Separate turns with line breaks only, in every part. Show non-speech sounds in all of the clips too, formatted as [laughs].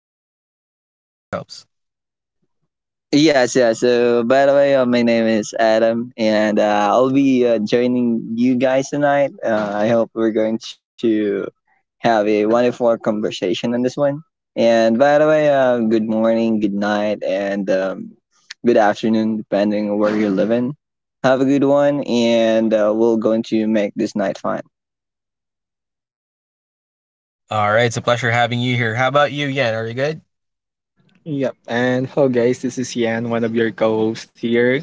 guys, go ahead and introduce yourselves.
Yes, yes. So, by the way, my name is Adam, and I'll be joining you guys tonight. I hope we're going to have a wonderful conversation on this one. And by the way, good morning, good night, and good afternoon, depending on where you're living. Have a good one, and we're going to make this night fun. [laughs]
All right, it's a pleasure having you here. How about you, Yan? Are you good?
Yep. And hello, guys. This is Yan, one of your co-hosts here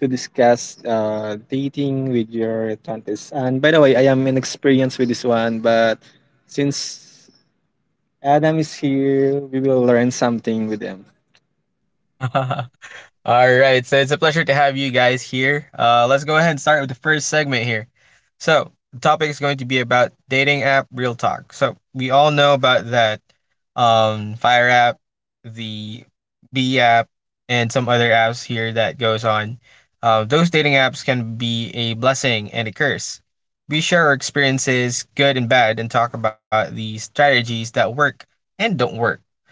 to discuss dating with your twenties. And by the way, I am inexperienced with this one, but since Adam is here, we will learn something with him.
[laughs] All right, so it's a pleasure to have you guys here. Let's go ahead and start with the first segment here. So, the topic is going to be about dating app real talk. So, we all know about that Fire app, the B app, and some other apps here that goes on. Those dating apps can be a blessing and a curse. We share our experiences, good and bad, and talk about the strategies that work and don't work.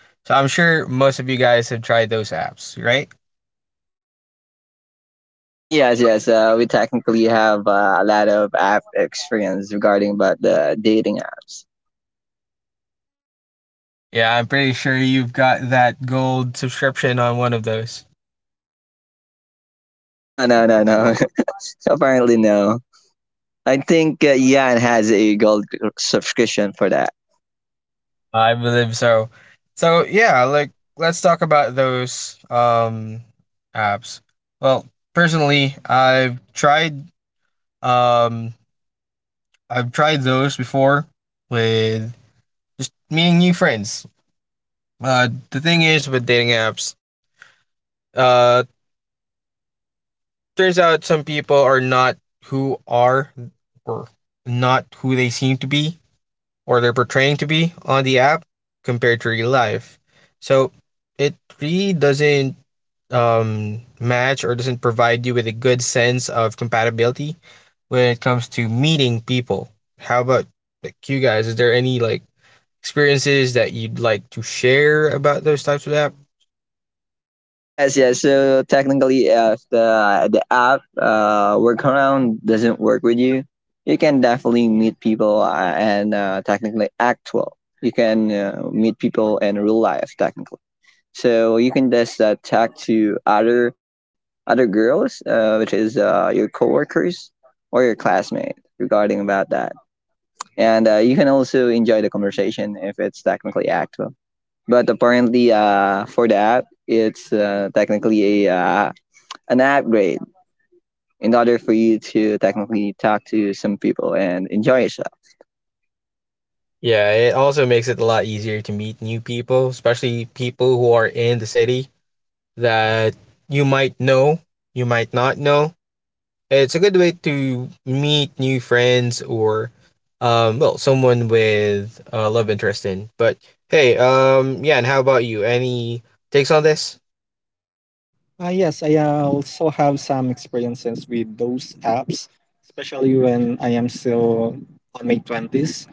So I'm sure most of you guys have tried those apps, right?
Yes, yes. We technically have a lot of app experience regarding about the dating apps.
Yeah, I'm pretty sure you've got that gold subscription on one of those.
No, no, no, no. [laughs] Apparently, no. I think Jan has a gold subscription for that.
I believe so. So yeah, like let's talk about those apps. Well, personally, um I've tried those before with just meeting new friends. The thing is with dating apps, uh turns out some people are who are or not who they seem to be, or they're portraying to be on the app compared to real life. So it really doesn't, match or doesn't provide you with a good sense of compatibility when it comes to meeting people. How about like you guys? Is there any like experiences that you'd like to share about those types of app?
Yes, yes. So technically, if the app workaround doesn't work with you, you can definitely meet people and technically actual. You can meet people in real life technically. So you can just talk to other girls, which is your coworkers or your classmate regarding about that. And you can also enjoy the conversation if it's technically active. But apparently, for the app, it's technically a an upgrade in order for you to technically talk to some people and enjoy yourself.
Yeah, it also makes it a lot easier to meet new people, especially people who are in the city that you might know, you might not know. It's a good way to meet new friends or, well, someone with love interest in. But hey, yeah, and how about you? Any takes on this?
Ah, yes, I also have some experiences with those apps, especially when I am still on my twenties.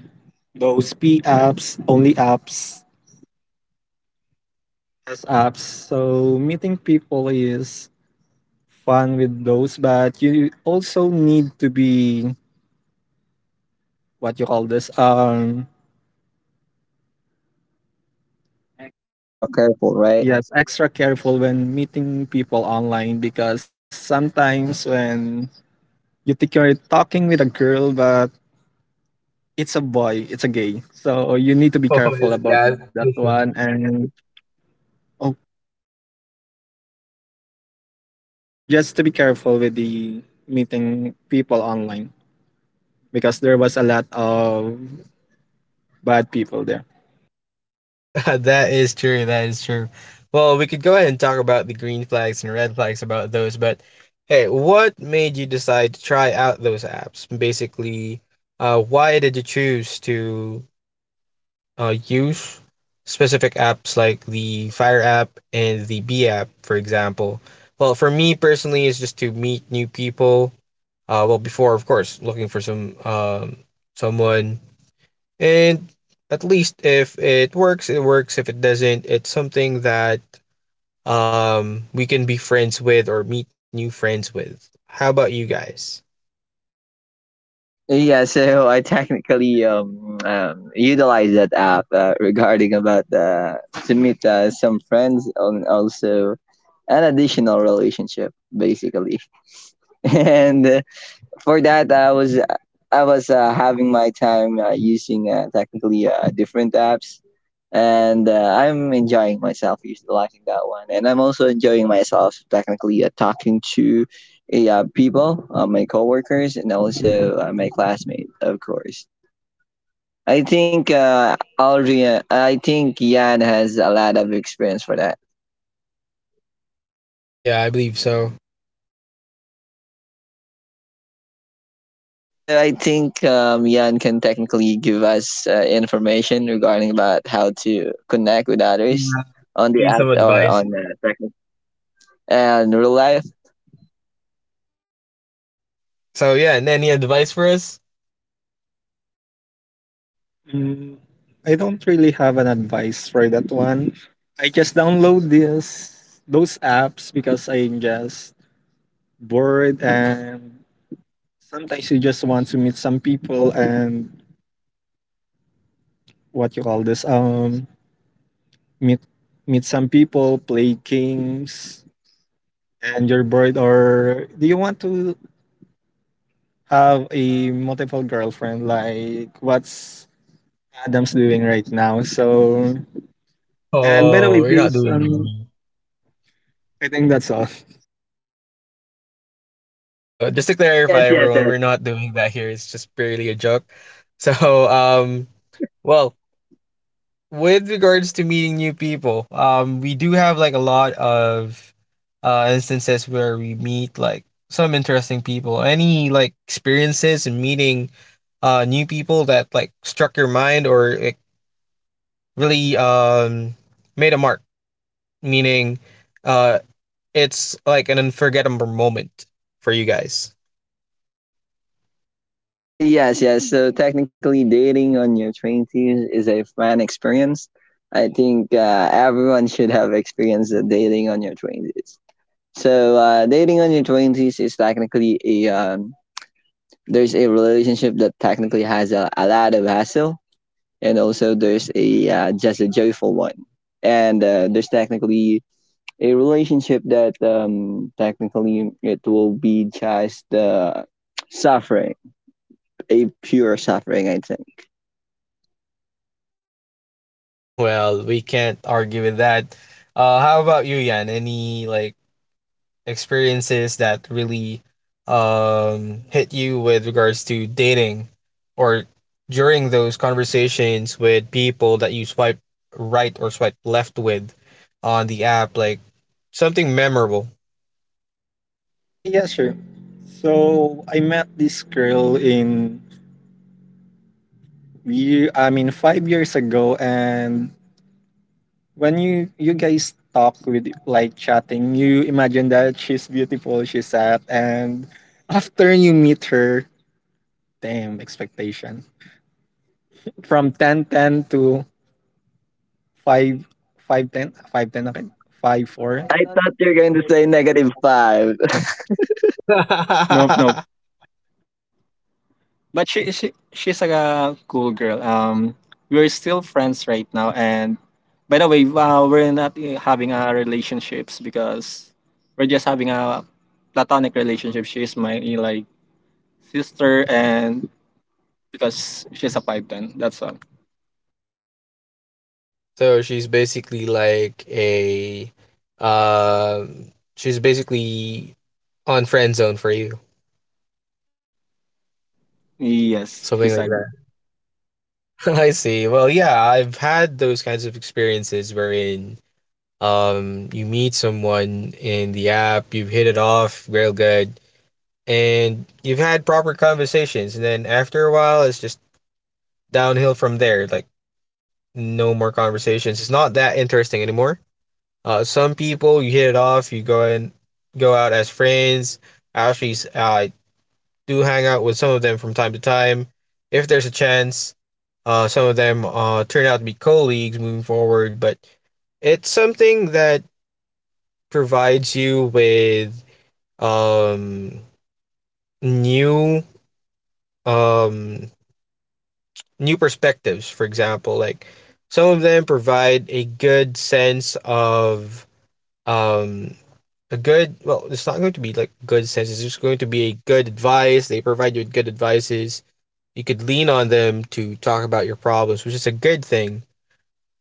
Those P apps, only apps, as apps. So meeting people is fun with those, but you also need to be what you call this.
Extra careful, right?
Yes, extra careful when meeting people online, because sometimes when you think you're talking with a girl, but it's a boy, it's a gay, so you need to
[laughs]
be
Oh,
careful
this
about
guy's
that one.
fishing.
And oh, yep, just to be careful with the meeting people online, because there was a lot of bad people there.
[laughs] That is true. That is true. Well, we could go ahead and talk about the green flags and red flags about those, but hey, what made you decide to try out those apps? Basically, why did you choose to use specific apps like the Fire app and the B app, for example. Well, for me personally, it's just to meet new people. Well, before of course looking for some, someone, and at least if it works, it works. If it doesn't, it's something that we can be friends with or meet new friends with. How about you guys?
Yeah, so [laughs] I technically utilize that app regarding about to meet some friends and also an additional relationship basically. [laughs] And for that I was having my time using technically different apps, and I'm enjoying myself utilizing that one, and I'm also enjoying myself technically talking to people, my coworkers and also my classmate, of course. I think Aldrian, I think Yan has a lot of experience for that.
Yeah, I believe so.
Yeah, so I think Yan can technically give us information regarding about how to connect with others
You
on the
need
app
some
or on
advice.
and real life.
So yeah, and any advice for us?
Mm, I don't really have an advice for that one. I just download this those apps because I'm just bored, and sometimes you just want to meet some people and what you call this. meet meet some people, play games, and you're bored, or do you want to have a multiple girlfriend like what's Adam's doing right now? So and by the
Oh,
way,
we're not
based on,
doing
I think that's all.
that. Just to clarify,
Yes, yes,
everyone, we're
yes.
not doing that here. It's just purely a joke. [laughs] So, well, with regards to meeting new people, we do have like a lot of instances where we meet like some interesting people. Any like experiences in meeting new people that like struck your mind or like really made a mark, meaning uh it's like an unforgettable moment for you guys.
Yes, yes. So technically, dating on your twenties is a fun experience. I think everyone should have experienced the dating on your twenties. So dating on your twenties is technically a there's a relationship that technically has a lot of hassle, and also there's a just a joyful one, and there's technically a relationship that technically it will be just suffering, a pure suffering, I think.
Well, we can't argue with that. How about you, Yan? Any like experiences that really hit you with regards to dating or during those conversations with people that you swipe right or swipe left with on the app, like something memorable?
Yeah, sure. So I met this girl in year, I mean 5 years ago, and when you guys talk with like chatting, you imagine that she's beautiful, she's sad, and after you meet her, damn expectation from ten ten to five five ten five ten, okay, five four.
I thought you were going to say negative five.
No, no.
[laughs]
But she's like a cool girl. We're still friends right now. And by the way, we're not having a relationships because we're just having a platonic relationship. She's my like sister, and because she's a pipe then that's all.
So she's basically like a, she's basically on friend zone for you.
Yes,
Something like
she's a.
that. [laughs] I see. Well, yeah, I've had those kinds of experiences wherein you meet someone in the app, you've hit it off real good, and you've had proper conversations, and then after a while it's just downhill from there. Like no more conversations. It's not that interesting anymore. Uh, some people you hit it off, you go and go out as friends. Actually, do hang out with some of them from time to time. If there's a chance, some of them turn out to be colleagues moving forward, but it's something that provides you with, um, new, um, new perspectives. For example, like some of them provide a good sense of, um, a good well, it's not going to be like good sense. It's just going to be a good advice. They provide you with good advices. You could lean on them to talk about your problems, which is a good thing.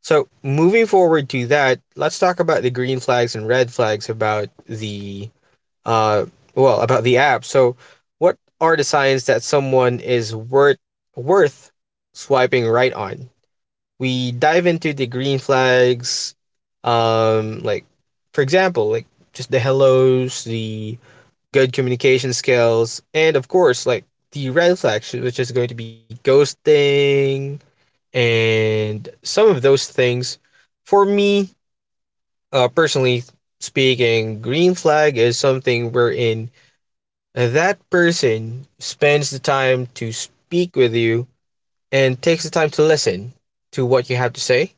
So, moving forward to that, let's talk about the green flags and red flags about the, uh well, about the app. So, what are the signs that someone is worth swiping right on? We dive into the green flags, like for example, like just the hellos, the good communication skills, and of course, like the red flags, which is going to be ghosting and some of those things. For me, personally speaking, green flag is something wherein that person spends the time to speak with you and takes the time to listen to what you have to say,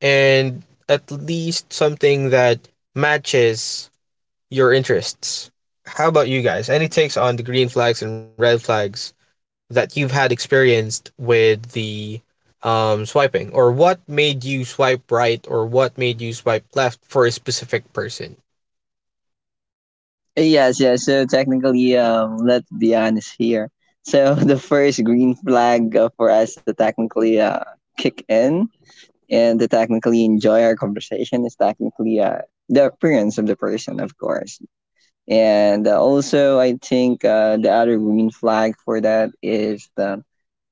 and at least something that matches your interests. How about you guys? Any takes on the green flags and red flags that you've had experienced with the, swiping, or what made you swipe right, or what made you swipe left for a specific person?
[laughs] Yes, yes. So technically, let's be honest here. So [laughs] the first green flag for us to technically kick in and to technically enjoy our conversation is technically the appearance of the person, of course. And also, I think the other green flag for that is the,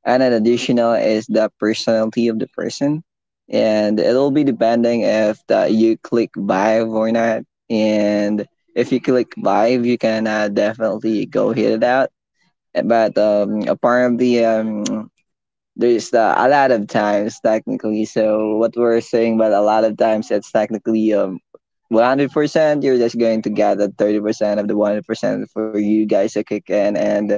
and an additional is the personality of the person, and it'll be depending if the, you click vibe or not. And if you click vibe, you can definitely go hit it out. But apparently, there's a lot of times technically. So what we're saying, but a lot of times it's technically 100%. You're just going to gather 30% of the 100% for you guys to kick in and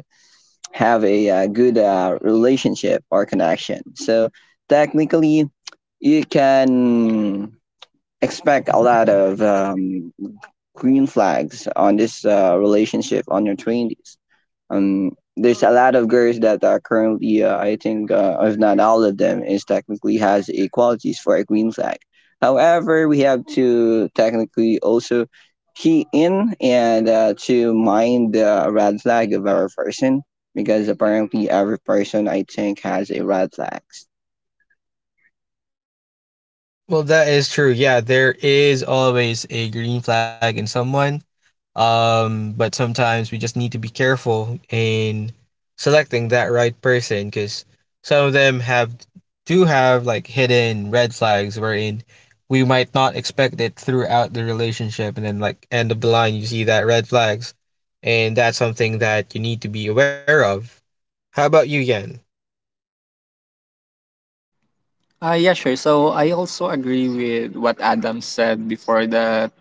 have a good relationship or connection. So technically, you can expect a lot of green flags on this relationship on your 20s. um there's a lot of girls that are currently I think if not all of them is technically has equalities for a green flag. However, we have to technically also key in and to mind the red flag of our person, because apparently every person, I think, has a red flags.
Well, that is true. Yeah, there is always a green flag in someone. But sometimes we just need to be careful in selecting that right person because some of them have do have like hidden red flags wherein we might not expect it throughout the relationship, and then like end of the line you see that red flags, and that's something that you need to be aware of. How about you, Yen?
Yeah, sure. So I also agree with what Adam said before that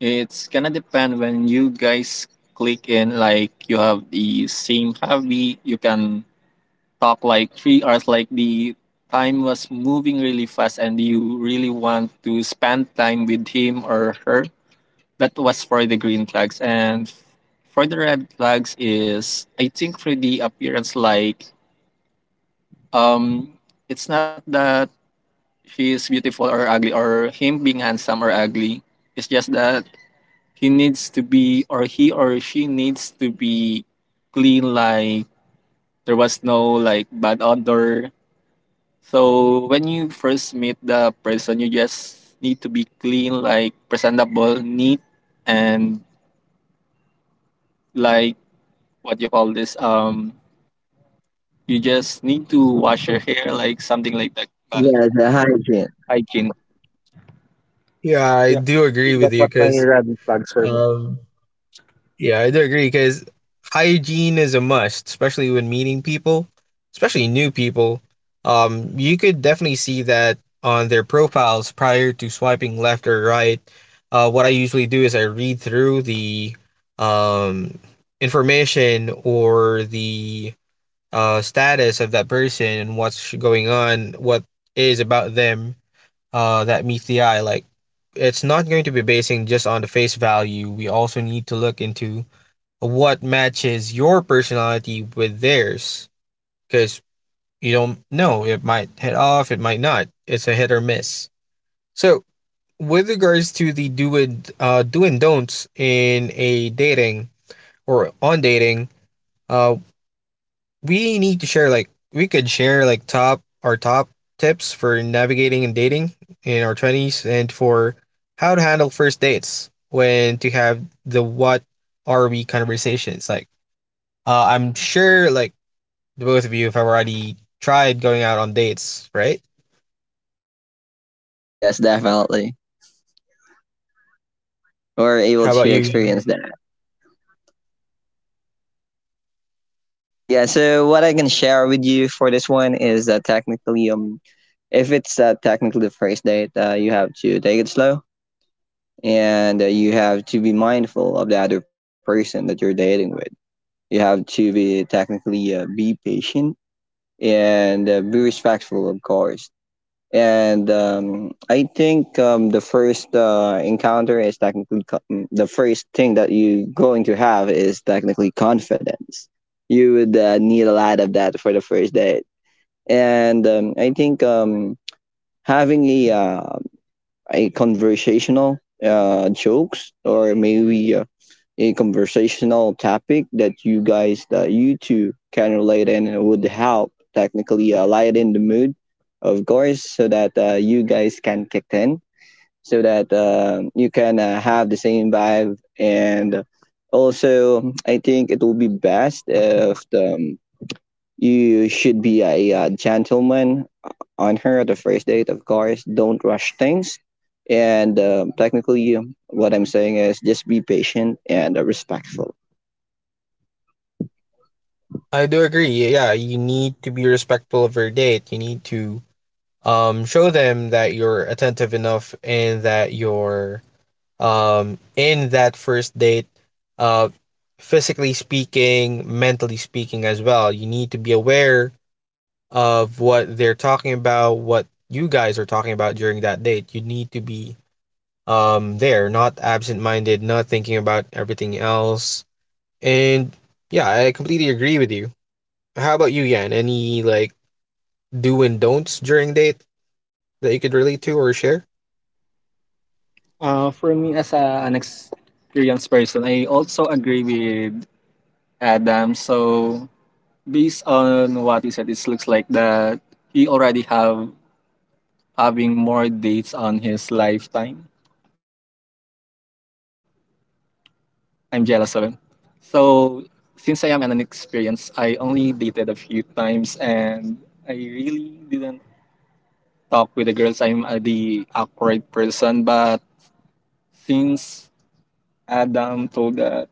it's gonna depend when you guys click in, like you have the same hobby, you can talk like 3 hours, like the time was moving really fast and you really want to spend time with him or her. That was for the green flags. And for the red flags is, I think, for the appearance, like um it's not that she is beautiful or ugly, or him being handsome or ugly. It's just that he needs to be, or he or she needs to be clean, like there was no like bad odor. So when you first meet the person, you just need to be clean, like presentable, neat, and like what you call this. You just need to wash your hair, like something like that. But
Yes, the hygiene.
hygiene.
Yeah, I
Yeah.
do agree with you because, um, yeah, I do agree because hygiene is a must, especially when meeting people, especially new people. You could definitely see that on their profiles prior to swiping left or right. What I usually do is I read through the, um, information or the, status of that person and what's going on, what is about them, that meets the eye. Like, it's not going to be basing just on the face value. We also need to look into what matches your personality with theirs because you don't know. It might hit off, it might not. It's a hit or miss. So, with regards to the do and don'ts in a dating or on dating, uh, we need to share like we could share like top our top tips for navigating and dating in our twenties and for how to handle first dates, when to have the what are we conversations like. I'm sure like the both of you have already tried going out on dates, right?
Yes, yes, definitely. We're able
How about
to
you?
experience that. Yeah, so what I can share with you for this one is that technically if it's a technically first date, you have to take it slow, and you have to be mindful of the other person that you're dating with. You have to be technically be patient and be respectful, of course. And I think the first encounter is technically the first thing that you're going to have is technically confidence. You would need a lot of that for the first date. And I think having a conversational jokes, or maybe a conversational topic that you guys that you two can relate in, and would help technically lighten the mood, of course, so that you guys can kick in, so that you can have the same vibe. And also I think it will be best if the you should be a gentleman on her at the first date, of course. Don't rush things. And technically, what I'm saying is just be patient and respectful.
I do agree. Yeah, you need to be respectful of your date. You need to show them that you're attentive enough and that you're in that first date, uh physically speaking, mentally speaking as well. You need to be aware of what they're talking about, what you guys are talking about during that date. You need to be, there, not absent minded, not thinking about everything else. And yeah, I completely agree with you. How about you, Yan? Any like do and don'ts during date that you could relate to or share?
For me as an experienced person, I also agree with Adam. So based on what he said, it looks like that he already have having more dates on his lifetime. I'm jealous of him. So since I am an inexperienced, I only dated a few times and I really didn't talk with the girls. I'm the awkward person, but since Adam told that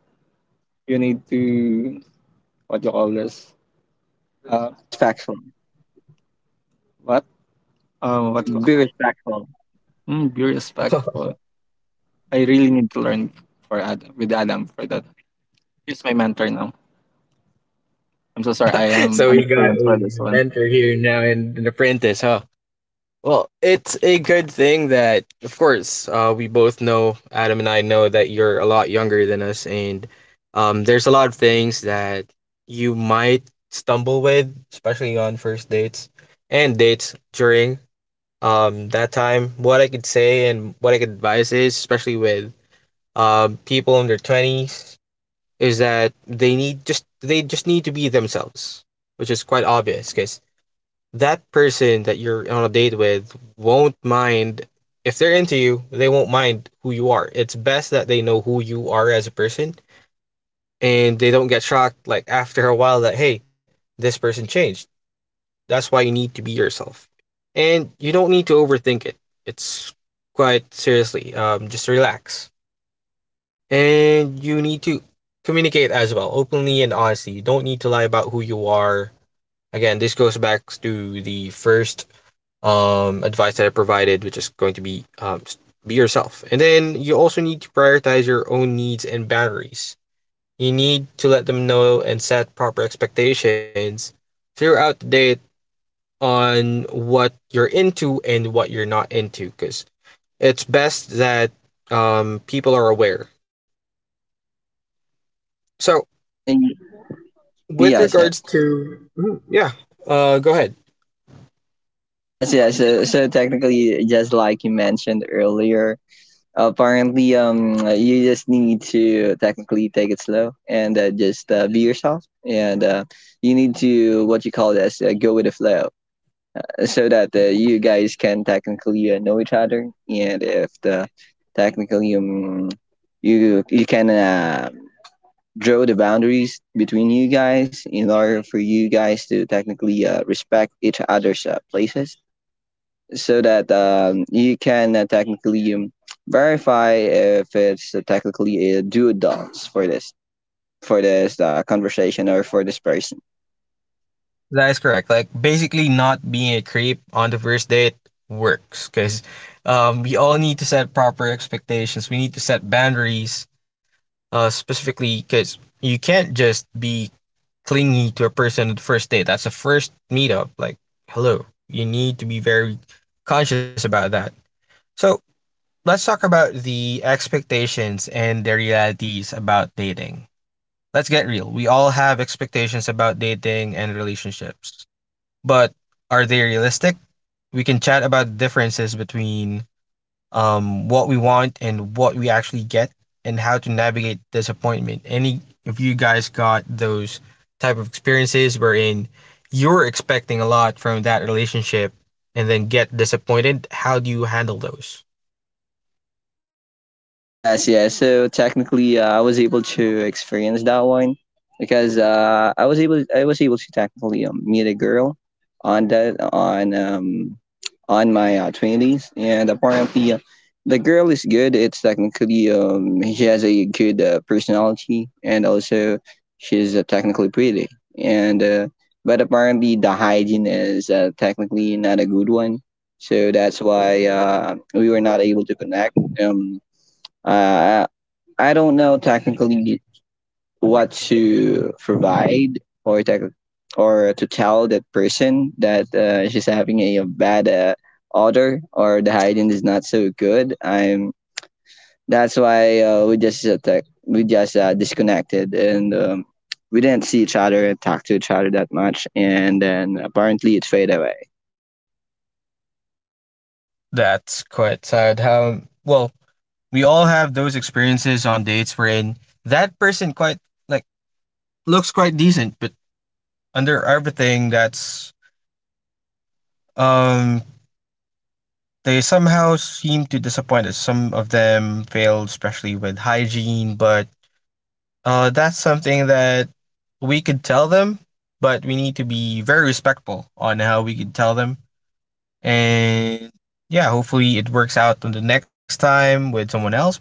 you need to what you call this?
Be
Uh,
respectful.
what? What?
Be respectful.
Mm, be
[laughs]
respectful. I really need to learn for Adam with Adam for that. He's my mentor now. I'm so sorry. I am
So we got
unexperienced for this
a
one.
mentor here now and an apprentice, huh? Well, it's a good thing that, of course, we both know, Adam and I know, that you're a lot younger than us, and, there's a lot of things that you might stumble with, especially on first dates and dates during, that time. What I could say and what I could advise is, especially with, people in their 20s, is that they just need to be themselves, which is quite obvious because that person that you're on a date with won't mind. If they're into you, they won't mind who you are. It's best that they know who you are as a person, and they don't get shocked like after a while that hey, this person changed. That's why you need to be yourself, and you don't need to overthink it. It's quite seriously, just relax, and you need to communicate as well, openly and honestly. You don't need to lie about who you are. Again, this goes back to the first, advice that I provided, which is going to be, just be yourself. And then you also need to prioritize your own needs and boundaries. You need to let them know and set proper expectations throughout the day on what you're into and what you're not into, because it's best that, people are aware. So,
Y-
with
Yes,
regards
yes.
to, yeah, go ahead.
Yes, yes. So, so technically, just like you mentioned earlier, apparently, you just need to technically take it slow, and just be yourself. And you need to what you call this go with the flow, so that you guys can technically know each other. And if the technically you can draw the boundaries between you guys in order for you guys to technically respect each other's places, so that you can technically verify if it's technically a do dance for this, conversation or for this person.
That is correct. Like basically, not being a creep on the first date works because we all need to set proper expectations. We need to set boundaries, specifically because you can't just be clingy to a person on the first date. That's a first meetup. Like, hello, you need to be very conscious about that. So let's talk about the expectations and the realities about dating. Let's get real. We all have expectations about dating and relationships, but are they realistic? We can chat about the differences between what we want and what we actually get, and how to navigate disappointment. Any if you guys got those type of experiences wherein you're expecting a lot from that relationship and then get disappointed, how do you handle those?
Yes, yes. So technically, I was able to experience that one, because I was able to technically meet a girl on that on my twenties, and apparently, the girl is good. It's technically she has a good personality, and also she's technically pretty. And but apparently, the hygiene is technically not a good one, so that's why we were not able to connect. Um, uh, I don't know technically what to provide or tech- or to tell that person that she's having bad odor, or the hygiene is not so good. I'm that's why we just disconnected, and we didn't see each other and talk to each other that much. And then apparently it faded away.
That's quite sad. How, well, we all have those experiences on dates wherein that person quite, like, looks quite decent, but under everything that's Um, they somehow seem to disappoint us. Some of them failed, especially with hygiene, but that's something that we could tell them, but we need to be very respectful on how we could tell them. And yeah, hopefully it works out on the next time with someone else. But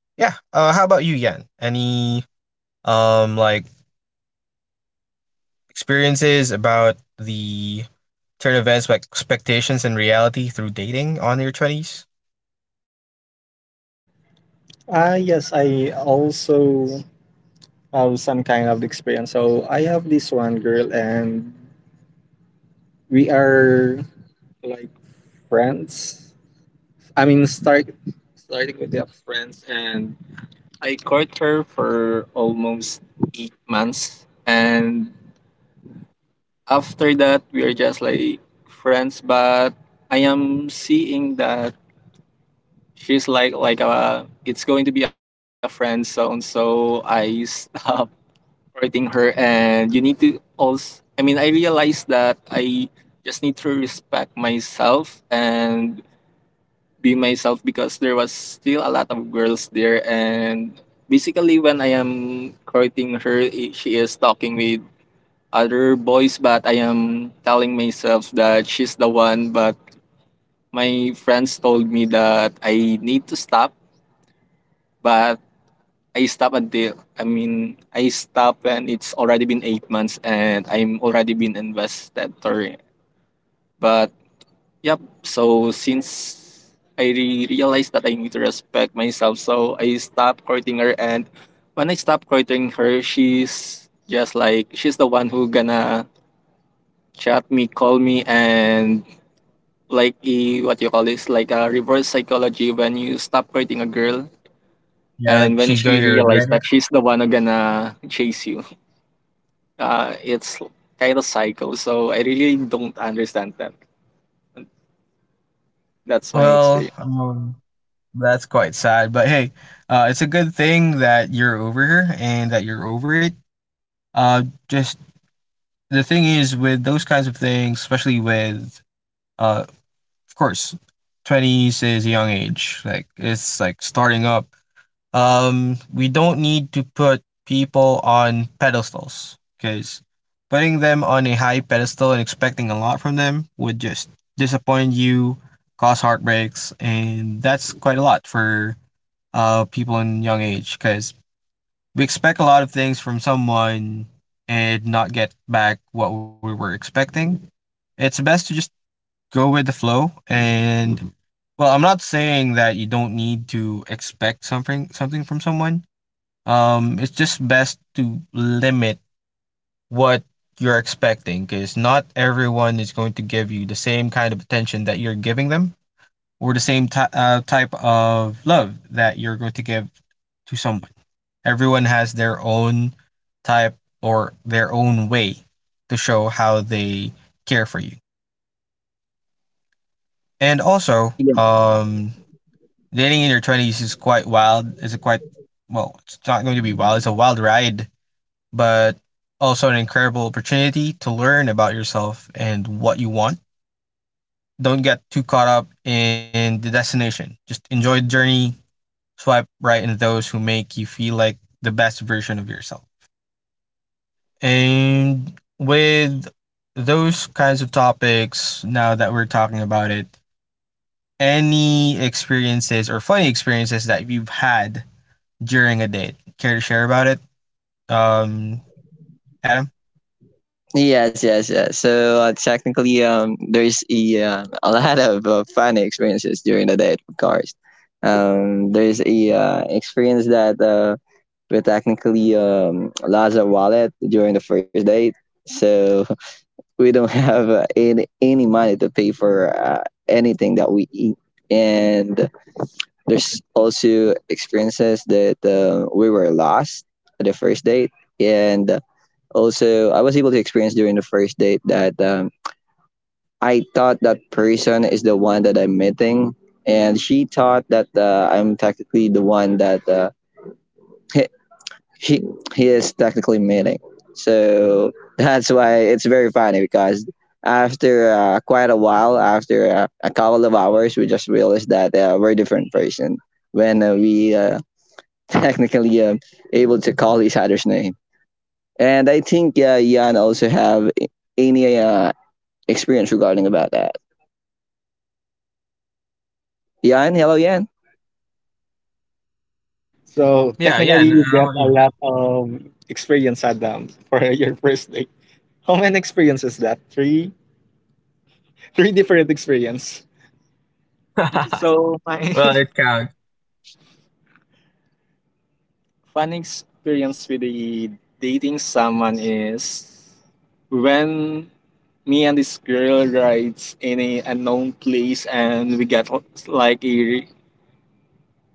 yeah, how about you, Yan? Any um like experiences about the turn of events, like expectations and reality through dating on your twenties?
Ah, yes, I also have some kind of experience. So I have this one girl, and we are like friends. I mean, starting with the friends, and I court her for almost 8 months, and after that, we are just like friends. But I am seeing that she's like a it's going to be a friend zone, so I [laughs] stop rating her and you need to also, I mean, I realized that I just need to respect myself and be myself because there was still a lot of girls there. And basically when I am courting her, she is talking with other boys, but I am telling myself that she's the one. But my friends told me that I need to stop. But I stop until, I mean, I stop and it's already been 8 months and I'm already been investor. But yep, so since I realized that I need to respect myself, so I stopped courting her. And when I stopped courting her, she's just like she's the one who gonna chat me, call me, and like a, what you call this, like a reverse psychology when you stop courting a girl.
Yeah,
And
like
when
she's
she
going to
realized
regret
that
it.
she's the one who gonna chase you. It's kind of psycho. So I really don't understand that. That's my
Well,
experience.
that's quite sad. But hey, it's a good thing that you're over her and that you're over it. Just, the thing is with those kinds of things, especially with, uh, of course, twenties is a young age. Like it's like starting up. We don't need to put people on pedestals, because putting them on a high pedestal and expecting a lot from them would just disappoint you, cause heartbreaks, and that's quite a lot for people in young age, because we expect a lot of things from someone and not get back what we were expecting. It's best to just go with the flow. And well, I'm not saying that you don't need to expect something from someone, it's just best to limit what you're expecting, because not everyone is going to give you the same kind of attention that you're giving them, or the same type of love that you're going to give to someone. Everyone has their own type or their own way to show how they care for you. And also,
Yeah.
dating in your 20s is quite wild. It's a quite, well, it's not going to be wild, it's a wild ride, but also an incredible opportunity to learn about yourself and what you want. Don't get too caught up in the destination. Just enjoy the journey, swipe right into those who make you feel like the best version of yourself. And with those kinds of topics, now that we're talking about it, any experiences or funny experiences that you've had during a date? Care to share about it? Um, Adam?
Yes, yes, yes. So technically, there is a lot of fun experiences during the date, of course. There is a experience that we technically lost our wallet during the first date, so [laughs] we don't have any money to pay for anything that we eat. And there's also experiences that we were lost at the first date, and also I was able to experience during the first date that I thought that person is the one that I'm meeting, and she thought that I'm technically the one that he, she he is technically meeting. So that's why it's very funny, because after quite a while, after a couple of hours, we just realized that we're different person when we [laughs] technically able to call each other's name. And I think Yan also have any experience regarding about that. Yan, hello, Yan.
So technically, you get a lot of experience, Adam, for [laughs] your first date. How many experiences that? Three, three different experience. So my
Well,
[laughs] fun experience with the dating someone is when me and this girl rides in a unknown place and we get like a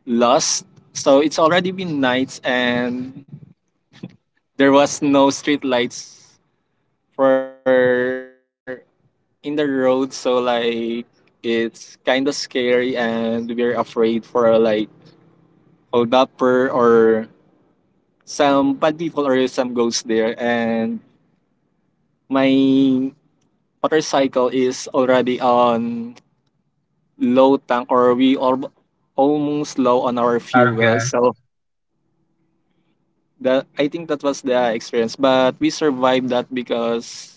lost. So it's already been nights and there was no street lights for in the road. So like it's kind of scary and we're afraid for like hold upper or some bad people or some ghosts there. And my motorcycle is already on low tank, or we are almost low on our
out of
fuel. So that I think that was the experience. But we survived that because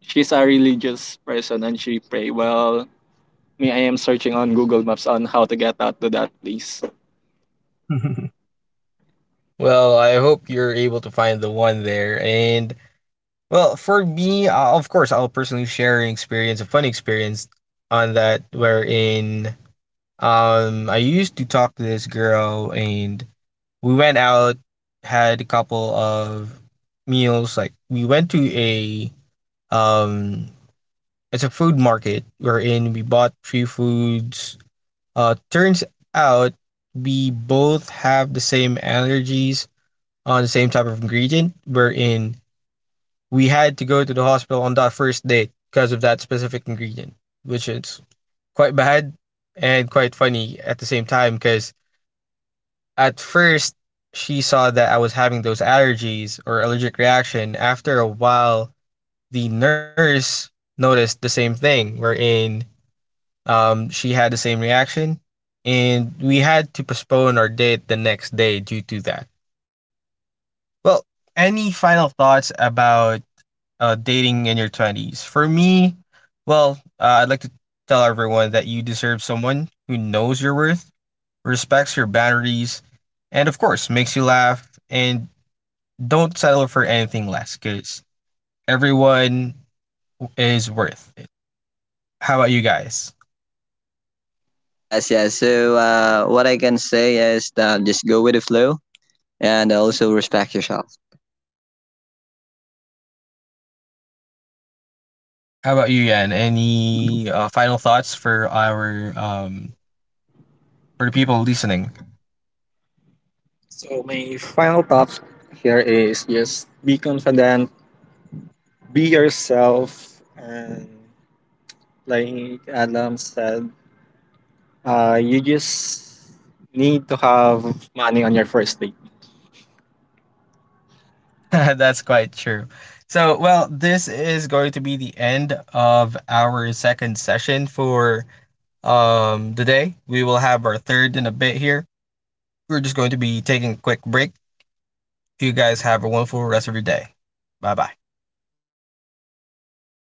she's a religious person and she pray. Well, me, I am searching on Google Maps on how to get out to that place.
guys. [laughs] Well, I hope you're able to find the one there. And well, for me, of course, I'll personally share an experience, a fun experience on that, wherein I used to talk to this girl, and we went out, had a couple of meals. Like we went to a um, it's a food market wherein we bought few foods. Turns out we both have the same allergies on the same type of ingredient, wherein we had to go to the hospital on that first date because of that specific ingredient, which is quite bad and quite funny at the same time because at first she saw that I was having those allergies or allergic reaction. After a while, the nurse noticed the same thing, wherein she had the same reaction, and we had to postpone our date the next day due to that. Well, any final thoughts about dating in your 20s? For me, well, I'd like to tell everyone that you deserve someone who knows your worth, respects your boundaries, and of course, makes you laugh, and don't settle for anything less, because everyone is worth it. How about you guys?
Eh, yes, yes. So what I can say is just go with the flow and also respect yourself.
How about you, Yan? Any final thoughts for our for the people listening?
So my final thoughts here is just be confident, be yourself, and like Adam said, you just need to have money on your first date.
[laughs] That's quite true. So, well, this is going to be the end of our second session for today. We will have our third in a bit here. We're just going to be taking a quick break. You guys have a wonderful rest of your day. Bye bye.